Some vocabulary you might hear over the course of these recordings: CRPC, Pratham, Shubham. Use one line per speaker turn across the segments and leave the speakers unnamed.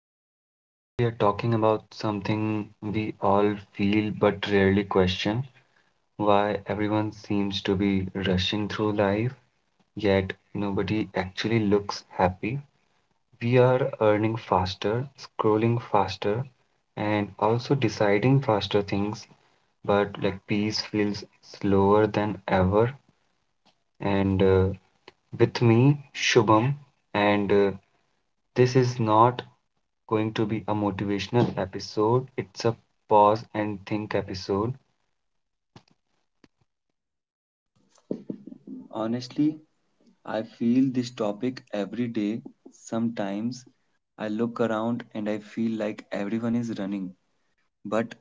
And today we are talking about something we all feel but rarely question, why everyone seems to be rushing through life, yet nobody actually looks happy. We are earning faster, scrolling faster, and also deciding faster things, but like peace feels slower than ever. And With me, Shubham, and this is not going to be a motivational episode. It's a pause and think episode.
Honestly, I feel this topic every day. Sometimes I look around and I feel like everyone is running, but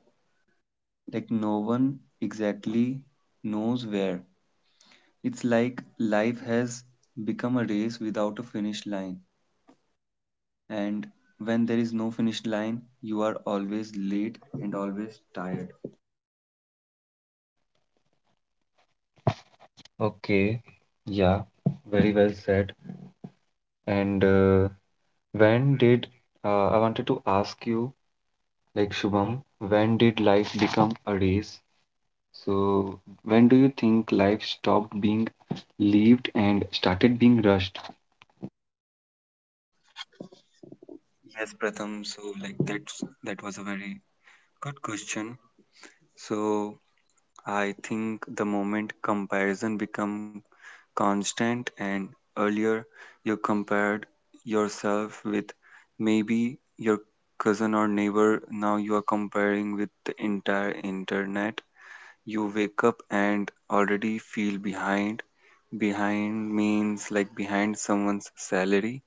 like no one exactly knows where. It's like life has become a race without a finish line, and when there is no finish line, you are always late and always tired.
Okay, yeah, very well said. And when did I wanted to ask you, like Shubham, when did life become a race? So, when do you think life stopped being lived and started being rushed?
Yes, Pratham, so like that was a very good question. So I think the moment comparison become constant and earlier you compared yourself with maybe your cousin or neighbor. Now you are comparing with the entire internet. You wake up and already feel behind. Behind means like behind someone's salary,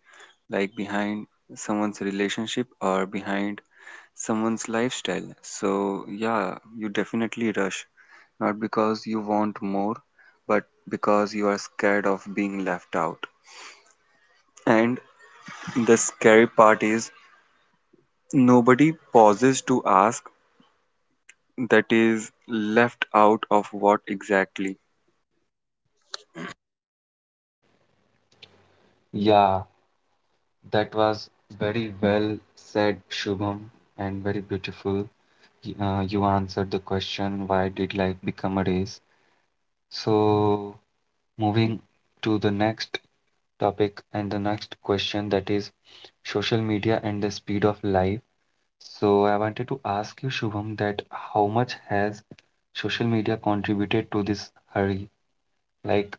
like behind someone's relationship or behind someone's lifestyle. So yeah, you definitely rush not because you want more, but because you are scared of being left out. And the scary part is nobody pauses to ask that is left out of what exactly.
Yeah, that was very well said, Shubham, and very beautiful. You answered the question, why did life become a race? So, moving to the next topic and the next question, that is social media and the speed of life. So, I wanted to ask you, Shubham, that how much has social media contributed to this hurry? Like,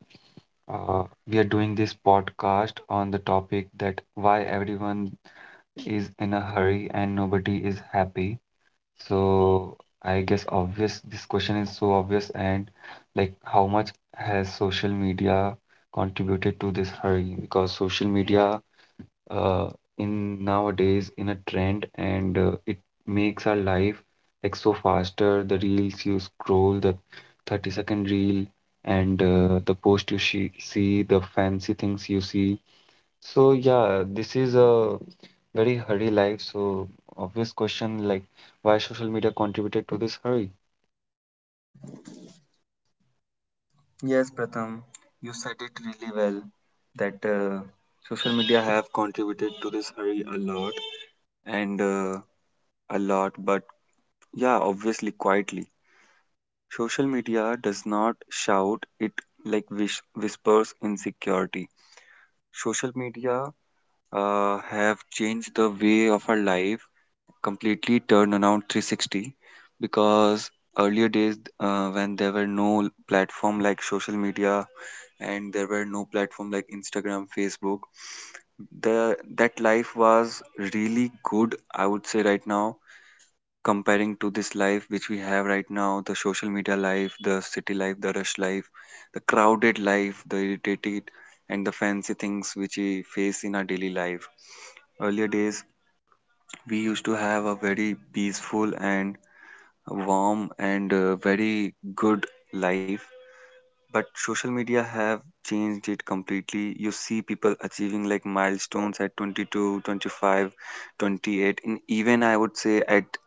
we are doing this podcast on the topic that why everyone is in a hurry and nobody is happy. So I guess obvious, this question is so obvious, and like how much has social media contributed to this hurry? Because social media uh in nowadays in a trend, and it makes our life like so faster. The reels you scroll, the 30-second reel, and the post you she see, the fancy things you see, so yeah, this is a very hurry life. So obvious question like, why social media contributed to this hurry?
Yes, Pratham, you said it really well that social media have contributed to this hurry a lot and a lot, but yeah, obviously quietly. Social media does not shout, it like whispers insecurity. Social media have changed the way of our life, completely turned around 360, because earlier days, when there were no platform like social media and there were no platform like Instagram, Facebook, the that life was really good, I would say. Right now, comparing to this life which we have right now, the social media life, the city life, the rush life, the crowded life, the irritated and the fancy things which we face in our daily life. Earlier days we used to have a very peaceful and warm and very good life, but social media have changed it completely. You see people achieving like milestones at 22, 25, 28. 25 28, and even I would say at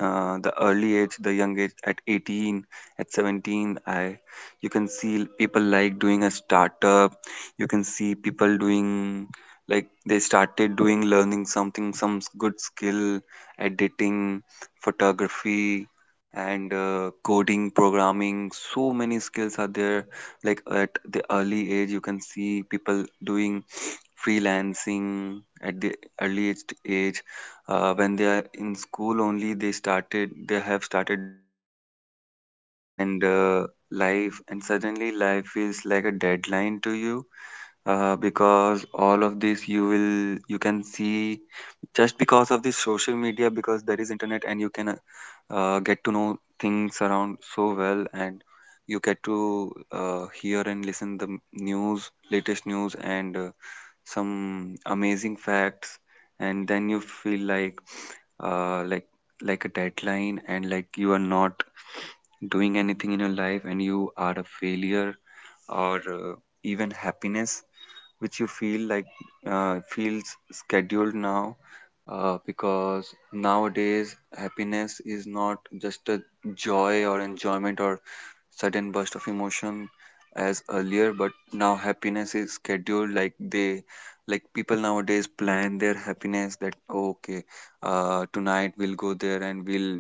the early age, the young age, at 18, at 17, I you can see people like doing a startup. You can see people doing, like, they started doing learning something, some good skill: editing, photography, and coding, programming. So many skills are there. Like at the early age you can see people doing freelancing at the earliest age, when they are in school only, they have started. And life, and suddenly life feels like a deadline to you, because all of this you can see, just because of the social media, because there is internet and you can get to know things around so well. And you get to hear and listen the news, latest news, and some amazing facts, and then you feel like, uh, like like a deadline and like you are not doing anything in your life and you are a failure. Or even happiness, which you feel like, feels scheduled now, because nowadays happiness is not just a joy or enjoyment or sudden burst of emotion as earlier, but now happiness is scheduled. Like they like People nowadays plan their happiness, that, "Oh, okay, tonight we'll go there and we'll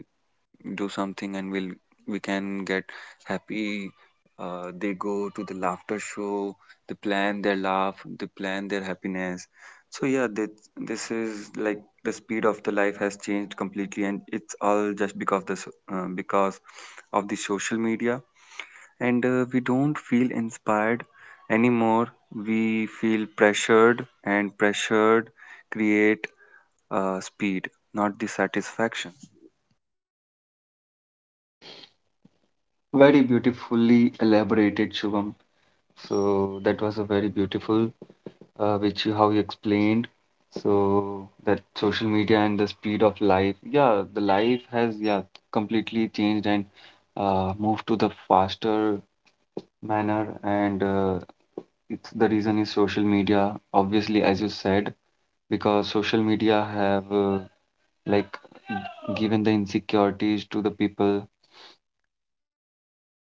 do something and we can get happy." They go to the laughter show, they plan their laugh, they plan their happiness. So yeah, that this is like the speed of the life has changed completely, and it's all just because this because of the social media. And we don't feel inspired anymore, we feel pressured, and pressured create speed, not the satisfaction.
Very beautifully elaborated, Shubham. So that was a very beautiful which you how you explained. So that social media and the speed of life, yeah, the life has yeah completely changed and moved to the faster manner, and it's the reason is social media, obviously, as you said. Because social media have like given the insecurities to the people, and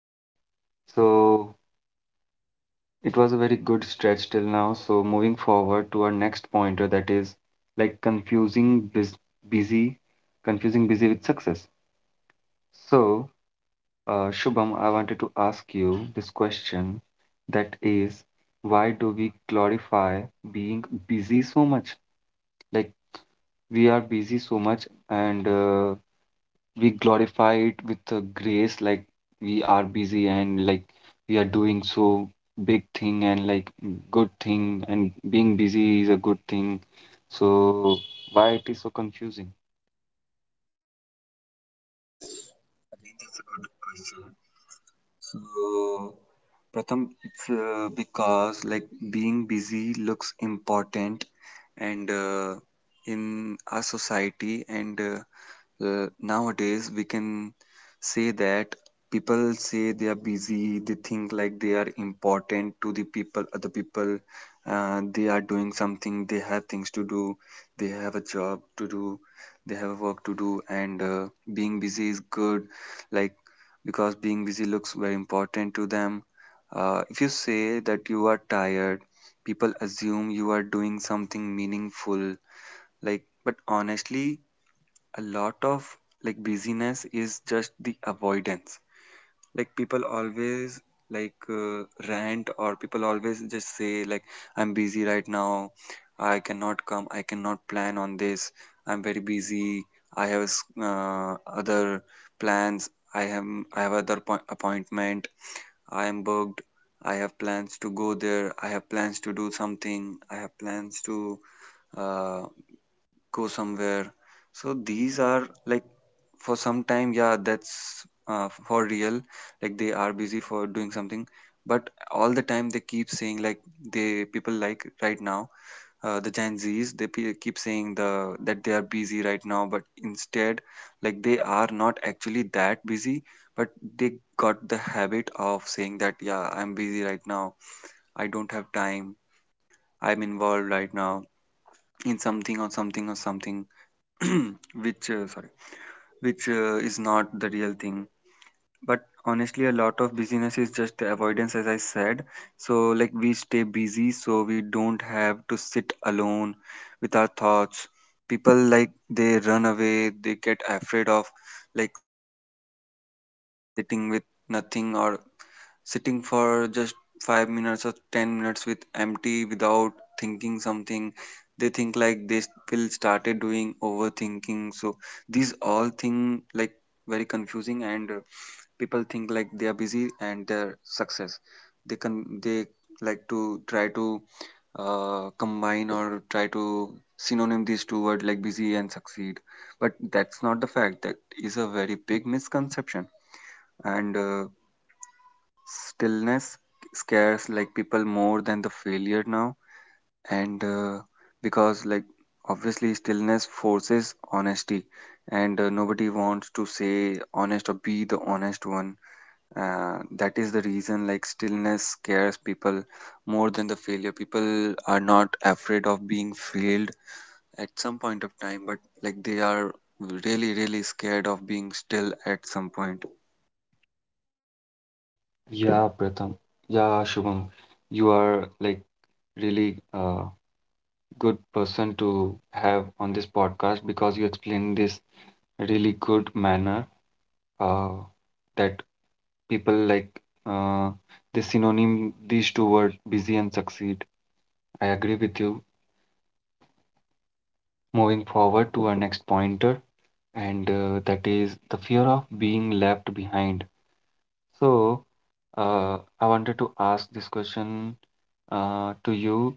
yeah so it was a very good stretch till now, so moving forward to our next pointer, that is like busy, confusing busy with success. So Shubham, I wanted to ask you this question, that is why do we glorify being busy so much? Like, we are busy so much, and we glorify it with a grace, like we are busy, and like we are doing so big thing, and like good thing, and being busy is a good thing. So why it is so confusing?
Good question. So, Pratham, it's because like being busy looks important, and in our society, and nowadays we can say that people say they are busy, they think like they are important to the people, other people. They are doing something, they have things to do, they have a job to do, they have a work to do, and being busy is good, like, because being busy looks very important to them. If you say that you are tired, people assume you are doing something meaningful, like. But honestly, a lot of like busyness is just the avoidance. Like people always, like uh, rant, or people always just say like, "I'm busy right now, I cannot come, I cannot plan on this, I'm very busy, I have other plans, I have other appointment, I am booked, I have plans to go there, I have plans to do something, I have plans to uh, go somewhere." So these are like, for some time, yeah, that's for real. Like they are busy for doing something, but all the time they keep saying like, they people like right now the Gen Zs, they keep saying they are busy right now, but instead like they are not actually that busy, but they got the habit of saying that, "Yeah, I'm busy right now, I don't have time, I'm involved right now in something or something or something," which sorry, which is not the real thing. But honestly, a lot of busyness is just the avoidance, as I said. So like we stay busy so we don't have to sit alone with our thoughts. People like, they run away, they get afraid of like sitting with nothing or sitting for just 5 minutes or 10 minutes with empty, without thinking something. They think like they will started doing overthinking. So these all thing, like, very confusing. And people think like they are busy and their success, they can, they like to try to combine or try to synonym these two words, like busy and succeed. But that's not the fact, that is a very big misconception. And stillness scares like people more than the failure now. And because like, obviously, stillness forces honesty, and nobody wants to say honest or be the honest one. That is the reason like stillness scares people more than the failure. People are not afraid of being failed at some point of time, but like they are really, really scared of being still at some point.
Yeah pratham yeah shubham you are like really a good person to have on this podcast because you explain this really good manner, uh, that people like uh, the synonym these two words, busy and succeed. I agree with you. Moving forward to our next pointer, and that is the fear of being left behind. So, I wanted to ask this question to you,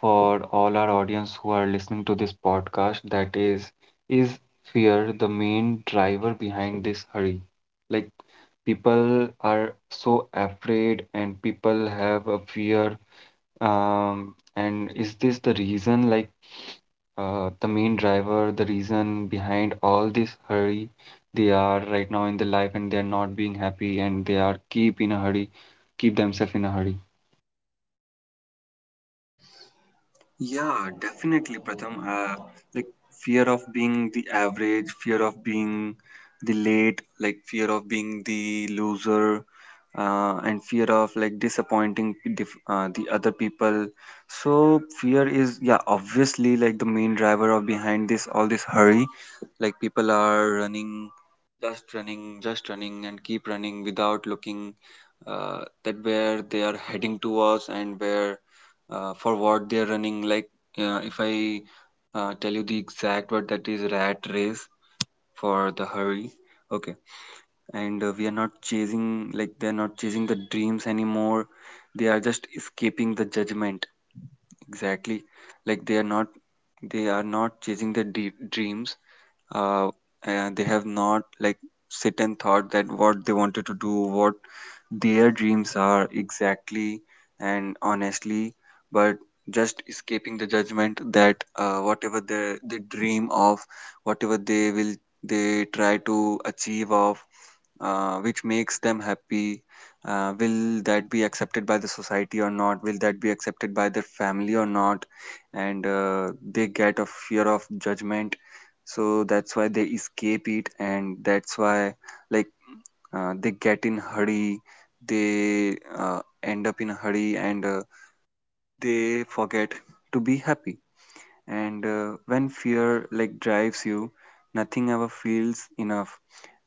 for all our audience who are listening to this podcast. That is fear the main driver behind this hurry? Like, people are so afraid, and people have a fear. And is this the reason, like, the main driver, the reason behind all this hurry they are right now in their life, and they're not being happy, and they are keep in a hurry, keep themselves in a hurry?
Yeah, definitely, Pratham. Like fear of being the average, fear of being the late, like fear of being the loser, and fear of like disappointing the other people. So fear is, yeah, obviously like the main driver of behind this, all this hurry. Like people are running, just running, just running, and keep running without looking that where they are heading towards and where, for what they're running. Like, if I tell you the exact word, that is rat race for the hurry. Okay. And we are not chasing like they're not chasing the dreams anymore, they are just escaping the judgment, exactly. Like they are not, they are not chasing the dreams, uh, and they have not like sit and thought that what they wanted to do, what their dreams are exactly, and honestly. But just escaping the judgment, that whatever they dream of, whatever they will, they try to achieve of, which makes them happy. Will that be accepted by the society or not, will that be accepted by their family or not? And they get a fear of judgment, so that's why they escape it, and that's why like they get in hurry, they end up in hurry, and they forget to be happy. And when fear like drives you, nothing ever feels enough.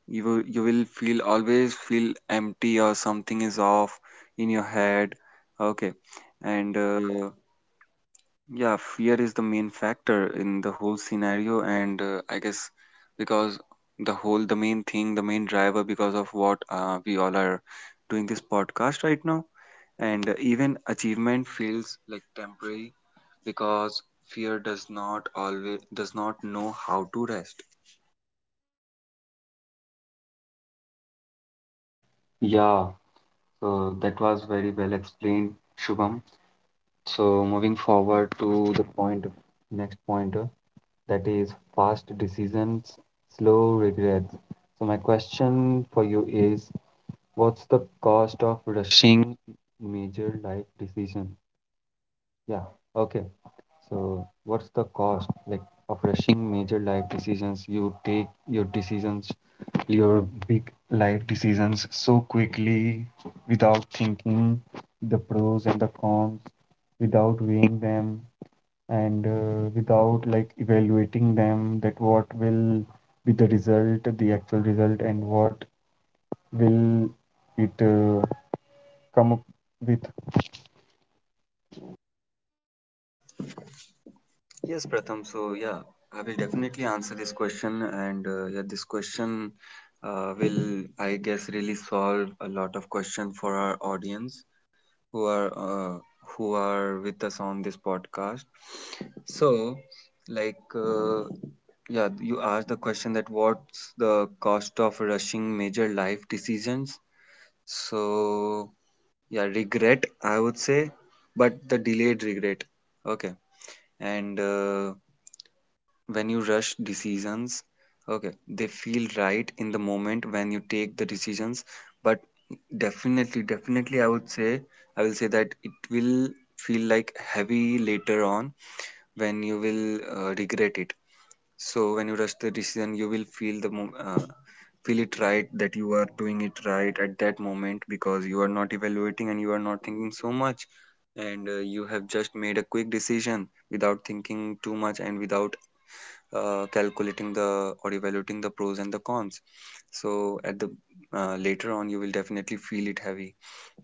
You will feel, always feel empty, or something is off in your head. Okay. And yeah, fear is the main factor in the whole scenario, and I guess, because the whole, the main thing, the main driver, because of what we all are doing this podcast right now. And even achievement feels like temporary, because fear does not always, does not know how to rest.
Yeah, so that was very well explained, Shubham. So moving forward to the point, next pointer, that is fast decisions, slow regrets. So my question for you is, what's the cost of rushing major life decision? Yeah, okay. So, what's the cost like of rushing major life decisions? You take your decisions, your big life decisions so quickly without thinking the pros and the cons, without weighing them, and without like evaluating them, that what will be the result, the actual result, and what will it come up with?
Yes, Pratham. So yeah, I will definitely answer this question, and yeah, this question will, I guess, really solve a lot of question for our audience who are uh, who are with us on this podcast. So, like, yeah, you asked the question that what's the cost of rushing major life decisions? So, yeah, regret, I would say, but the delayed regret. Okay, and when you rush decisions, okay, they feel right in the moment when you take the decisions, but definitely I would say, I will say that it will feel like heavy later on when you will regret it. So when you rush the decision you will feel the feel it right that you are doing it right at that moment, because you are not evaluating and you are not thinking so much. And you have just made a quick decision without thinking too much and without calculating the or evaluating the pros and the cons. So at the Later on you will definitely feel it heavy,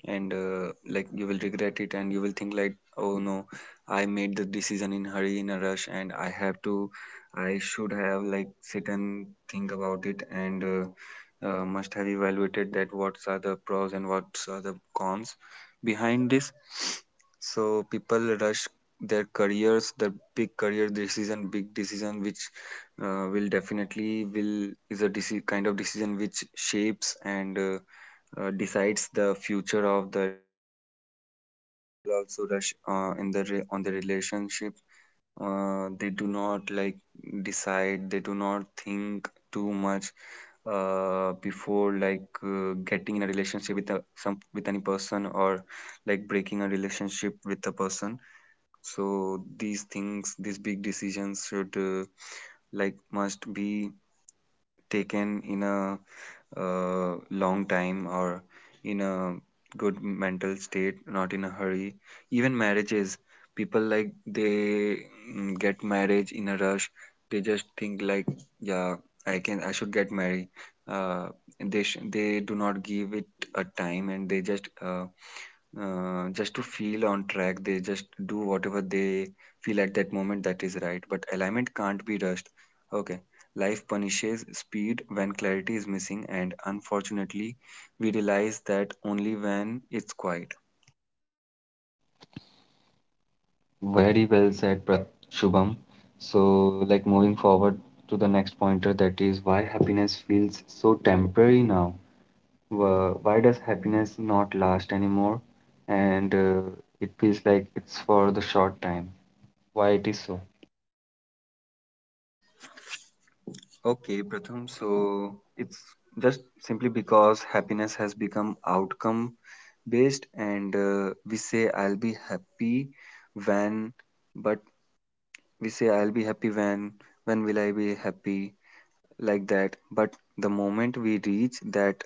and like you will regret it and you will think like, oh no, I made the decision in hurry, in a rush, and I have to, I should have like sit and think about it, and must have evaluated that what are the pros and what are the cons behind this. So people rush their careers, the big career decision, big decision which will definitely will is a kind of decision which shapes and decides the future of the, also rush in the on the relationship. They do not like decide, they do not think too much before like getting in a relationship with a, some with any person or like breaking a relationship with a person. So these things, these big decisions should like must be taken in a long time or in a good mental state, not in a hurry. Even marriages, people like they get marriage in a rush. They just think like, yeah, I can, I should get married. Uh, they they do not give it a time, and they just to feel on track. They just do whatever they feel at that moment that is right. But alignment can't be rushed. Okay, life punishes speed when clarity is missing, and unfortunately, we realize that only when it's quiet.
Very well said, Shubham. So, like moving forward to the next pointer, that is why happiness feels so temporary now. Why does happiness not last anymore? And it feels like it's for the short time. Why it is so?
Okay, Pratham, so it's just simply because happiness has become outcome based, and we say, I'll be happy when, but we say, I'll be happy when will I be happy, like that. But the moment we reach that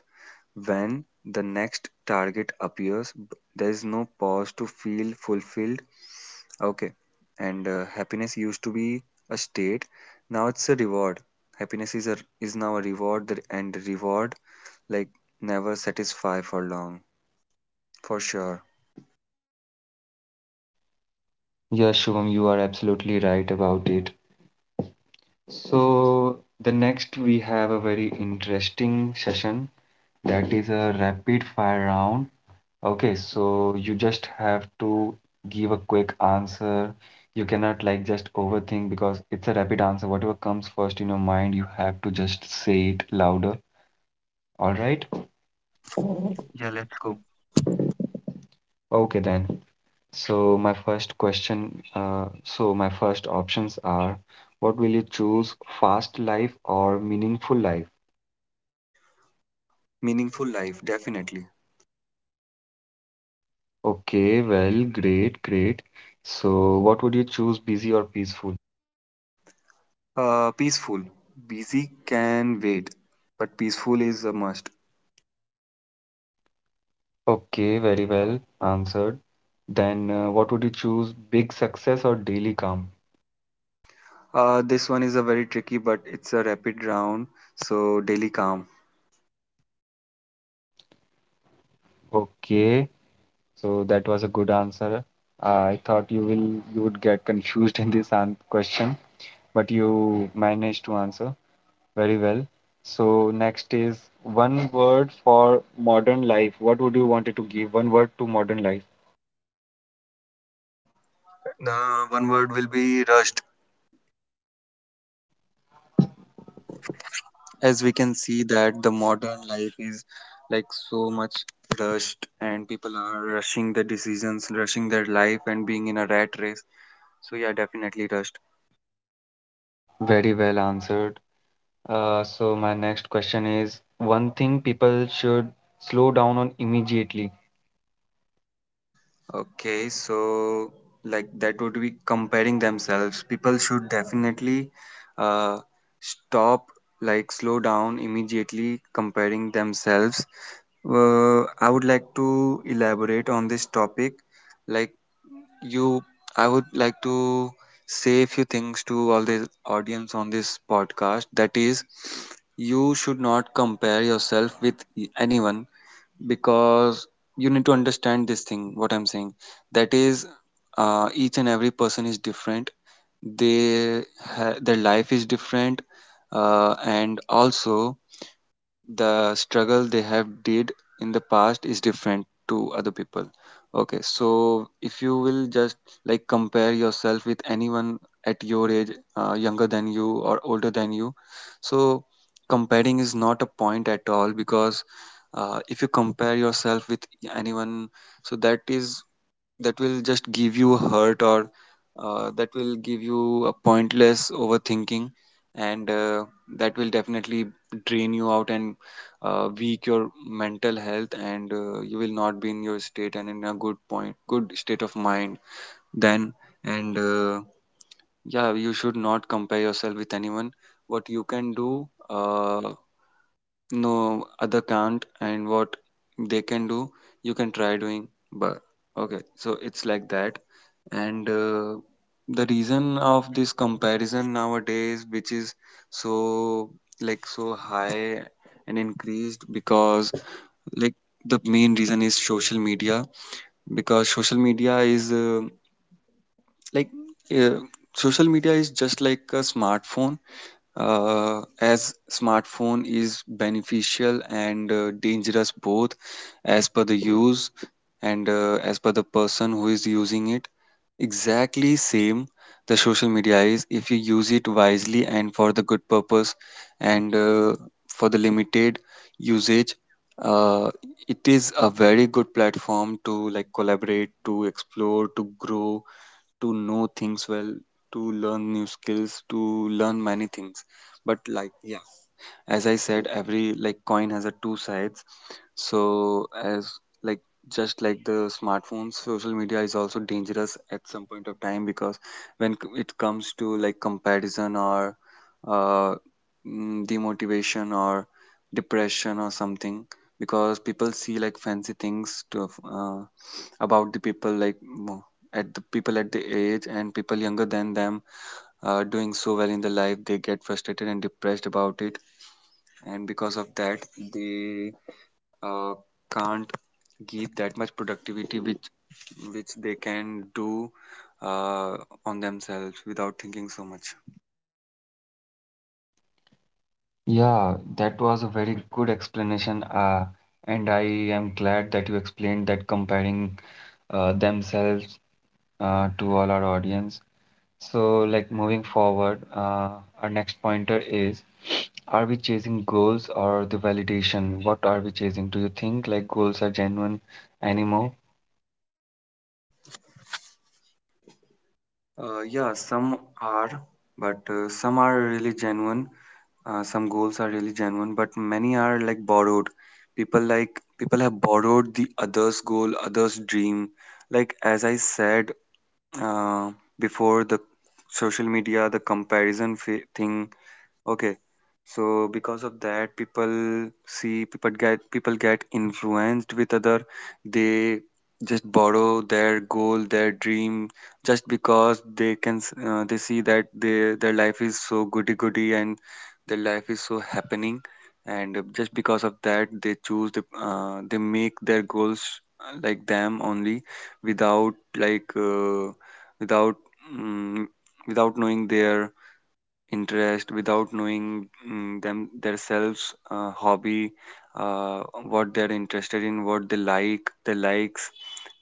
when, the next target appears, there is no pause to feel fulfilled. Okay. And happiness used to be a state. Now it's a reward. Happiness is a is now a reward that, and reward like never satisfy for long. For sure.
Yeah, Shubham, you are absolutely right about it. So, the next we have a very interesting session, that is a rapid fire round. Okay, so you just have to give a quick answer. You cannot like just overthink because it's a rapid answer. Whatever comes first in your mind, you have to just say it louder. All right? Yeah, let's go.
Cool.
Okay then. So my first question, so my first options are, what will you choose, fast life or meaningful life?
Meaningful life, definitely.
Okay, well, great, great. So what would you choose, busy or peaceful?
Peaceful. Busy can wait, but peaceful is a must.
Okay, very well answered. Then, what would you choose, big success or daily calm?
This one is a very tricky, but it's a rapid round. So daily calm.
Okay, so that was a good answer. I thought you would get confused in this an question, but you managed to answer very well. So next is one word for modern life. What would you wanted to give one word to modern life?
The one word will be rushed. As we can see that the modern life is like so much rushed and people are rushing their decisions, rushing their life and being in a rat race. So yeah, definitely rushed.
Very well answered. So my next question is one thing people should slow down on immediately.
Okay, so like that would be comparing themselves. People should definitely uh, stop, like slow down immediately comparing themselves. I would like to elaborate on this topic. Like you, I would like to say a few things to all the audience on this podcast. That is, you should not compare yourself with anyone, because you need to understand this thing, what I'm saying. That is, each and every person is different. They their life is different, and also the struggle they have did in the past is different to other people. Okay, so if you will just like compare yourself with anyone at your age, younger than you or older than you, so comparing is not a point at all, because if you compare yourself with anyone, so that is, that will just give you a hurt or that will give you a pointless overthinking, and that will definitely drain you out, and weak your mental health, and you will not be in your state and in a good point, good state of mind, then. And yeah, you should not compare yourself with anyone. What you can do, no, other can't. And what they can do, you can try doing. But okay, so it's like that. And the reason of this comparison nowadays, which is so like so high and increased, because like the main reason is social media, because social media is like uh, social media is just like a smartphone. As smartphone is beneficial and dangerous both, as per the use and as per the person who is using it, exactly same, the social media is, if you use it wisely and for the good purpose and for the limited usage, uh, it is a very good platform to like collaborate, to explore, to grow, to know things well, to learn new skills, to learn many things. But like yeah, as I said, every like coin has a two sides. So as like just like the smartphones, social media is also dangerous at some point of time, because when it comes to like comparison or uh, demotivation or depression or something, because people see like fancy things to, about the people like at the people at the age and people younger than them are doing so well in the life, they get frustrated and depressed about it. And because of that, they uh, can't give that much productivity which they can do uh, on themselves without thinking so much.
Yeah, that was a very good explanation. And I am glad that you explained that comparing themselves to all our audience. So, like moving forward, our next pointer is, are we chasing goals or the validation? What are we chasing? Do you think like goals are genuine anymore?
Yeah, some are, but some are really genuine. Some goals are really genuine, but many are like borrowed. People like people have borrowed the others' goal, others' dream. Like as I said uh, before, the social media, the comparison thing. Okay. So because of that, people see, people get, people get influenced with other. They just borrow their goal, their dream, just because they can. They see that their life is so goody goody and their life is so happening, and just because of that, they choose the. They make their goals like them only, without like without mm, without knowing their interest, without knowing them themselves hobby, uh, what they're interested in, what they like, their likes.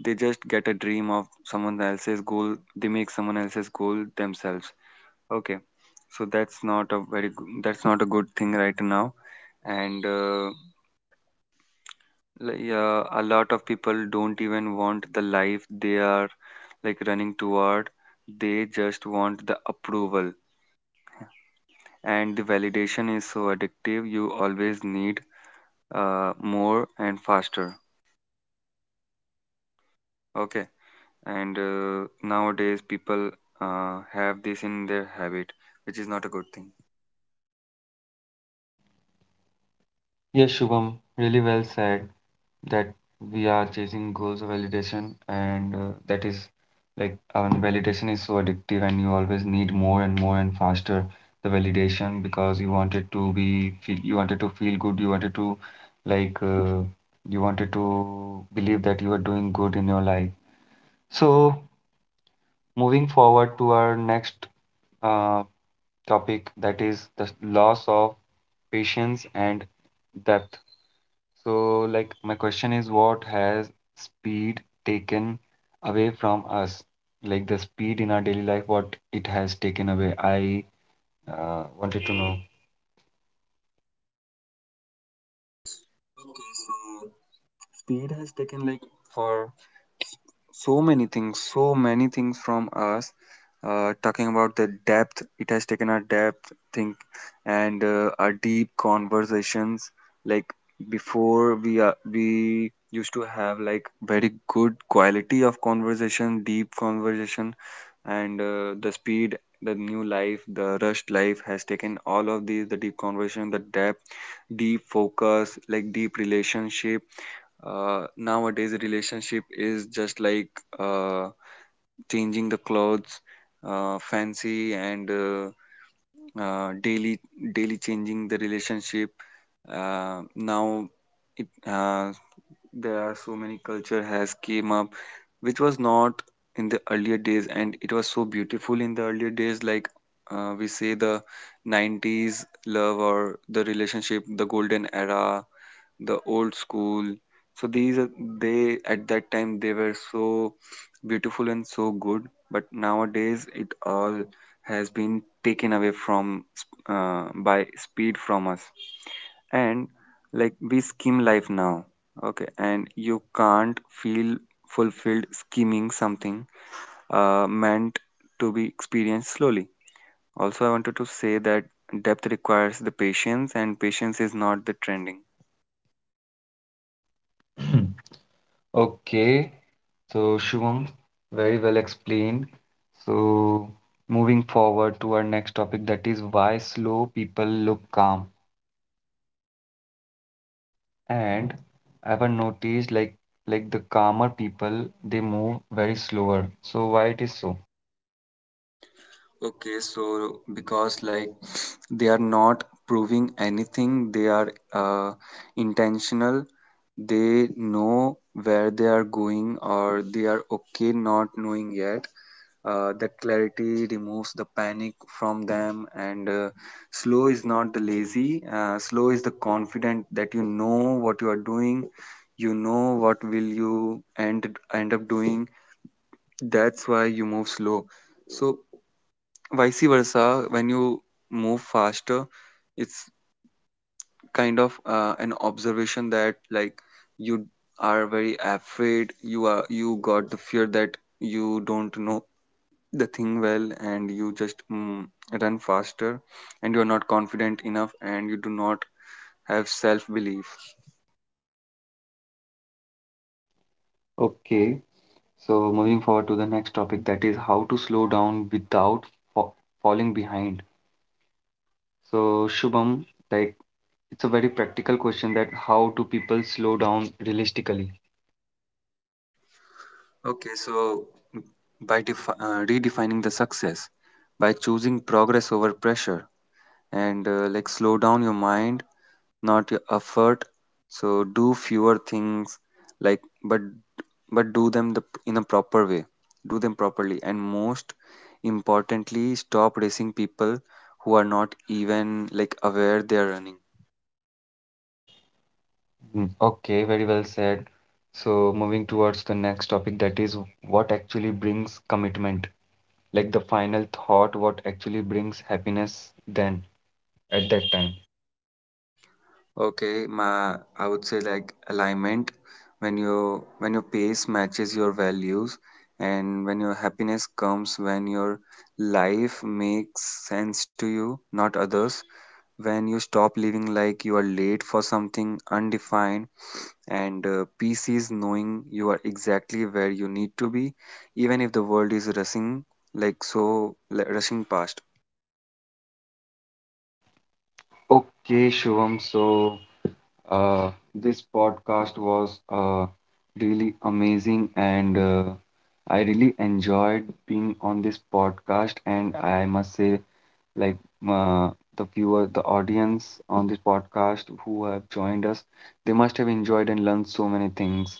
They just get a dream of someone else's goal, they make someone else's goal themselves. Okay, so that's not a very good, that's not a good thing right now. And like, yeah, a lot of people don't even want the life they are like running toward. They just want the approval, and the validation is so addictive, you always need more and faster. Okay. And nowadays people have this in their habit, which is not a good thing.
Yes, Shubham, really well said, that we are chasing goals of validation, and that is like validation is so addictive, and you always need more and more and faster, the validation, because you wanted to be feel, you wanted to feel good, you wanted to like you wanted to believe that you are doing good in your life. So moving forward to our next uh, topic, that is the loss of patience and depth. So, like, my question is, what has speed taken away from us? Like, the speed in our daily life, what it has taken away? I wanted to know.
Okay, so speed has taken like for so many things, so many things from us. Uh, talking about the depth, it has taken a depth think, and our deep conversations. Like before we are, we used to have like very good quality of conversation, deep conversation. And the speed, the new life, the rushed life has taken all of these, the deep conversation, the depth, deep focus, like deep relationship. Uh, nowadays relationship is just like uh, changing the clothes, fancy and daily, daily changing the relationship. Now it, there are so many culture has came up which was not in the earlier days, and it was so beautiful in the earlier days. Like we say the 90s love or the relationship, the golden era, the old school. So these are, they at that time they were so beautiful and so good, but nowadays it all has been taken away from by speed from us. And like we skim life now. Okay, and you can't feel fulfilled skimming something meant to be experienced slowly. Also I wanted to say that depth requires the patience, and patience is not the trending.
Okay, so Shubham, very well explained. So, moving forward to our next topic, that is why slow people look calm. And I've noticed like the calmer people, they move very slower. So why it is so?
Okay, so because like they are not proving anything, they are intentional. They know where they are going, or they are okay not knowing yet. That clarity removes the panic from them, and slow is not the lazy. Slow is the confident that you know what you are doing. You know what will you end up doing. That's why you move slow. So vice versa, when you move faster, it's kind of an observation that like you are very afraid, you are, you got the fear that you don't know the thing well, and you just run faster, and you are not confident enough and you do not have self belief.
Okay. So, moving forward to the next topic, that is how to slow down without fa- falling behind. So, Shubham, like it's a very practical question, that how do people slow down realistically?
Okay, so by redefining the success, by choosing progress over pressure, and like slow down your mind, not your effort. So do fewer things, like, but do them the, in a proper way, do them properly, and most importantly stop racing people who are not even like aware they are running.
Mm, okay, very well said. So, moving towards the next topic, that is what actually brings commitment, like the final thought, what actually brings happiness then at that time.
Okay my, I would say like alignment, when you, when your pace matches your values, and when your happiness comes when your life makes sense to you, not others, when you stop living like you are late for something undefined, and peace is knowing you are exactly where you need to be, even if the world is rushing, like so like, rushing past.
Okay, Shubham, so this podcast was really amazing, and I really enjoyed being on this podcast. And I must say, like uh, the viewer, the audience on this podcast who have joined us, they must have enjoyed and learned so many things.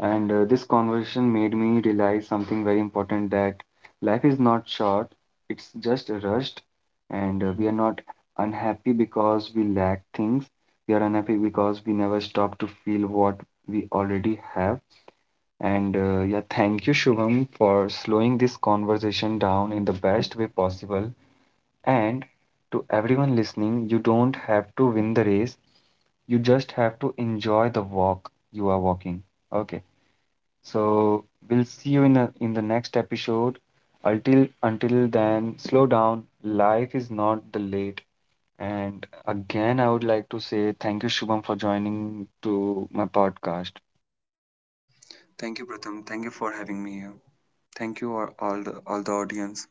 And this conversation made me realize something very important, that life is not short, it's just rushed. And we are not unhappy because we lack things. We are unhappy because we never stop to feel what we already have. And yeah, thank you, Shubham, for slowing this conversation down in the best way possible. And to everyone listening, you don't have to win the race, you just have to enjoy the walk you are walking. Okay. So we'll see you in the next episode. Until then, slow down. Life is not the late. And again, I would like to say thank you, Shubham, for joining to my podcast.
Thank you Pratham, thank you for having me here. Thank you all, all the audience.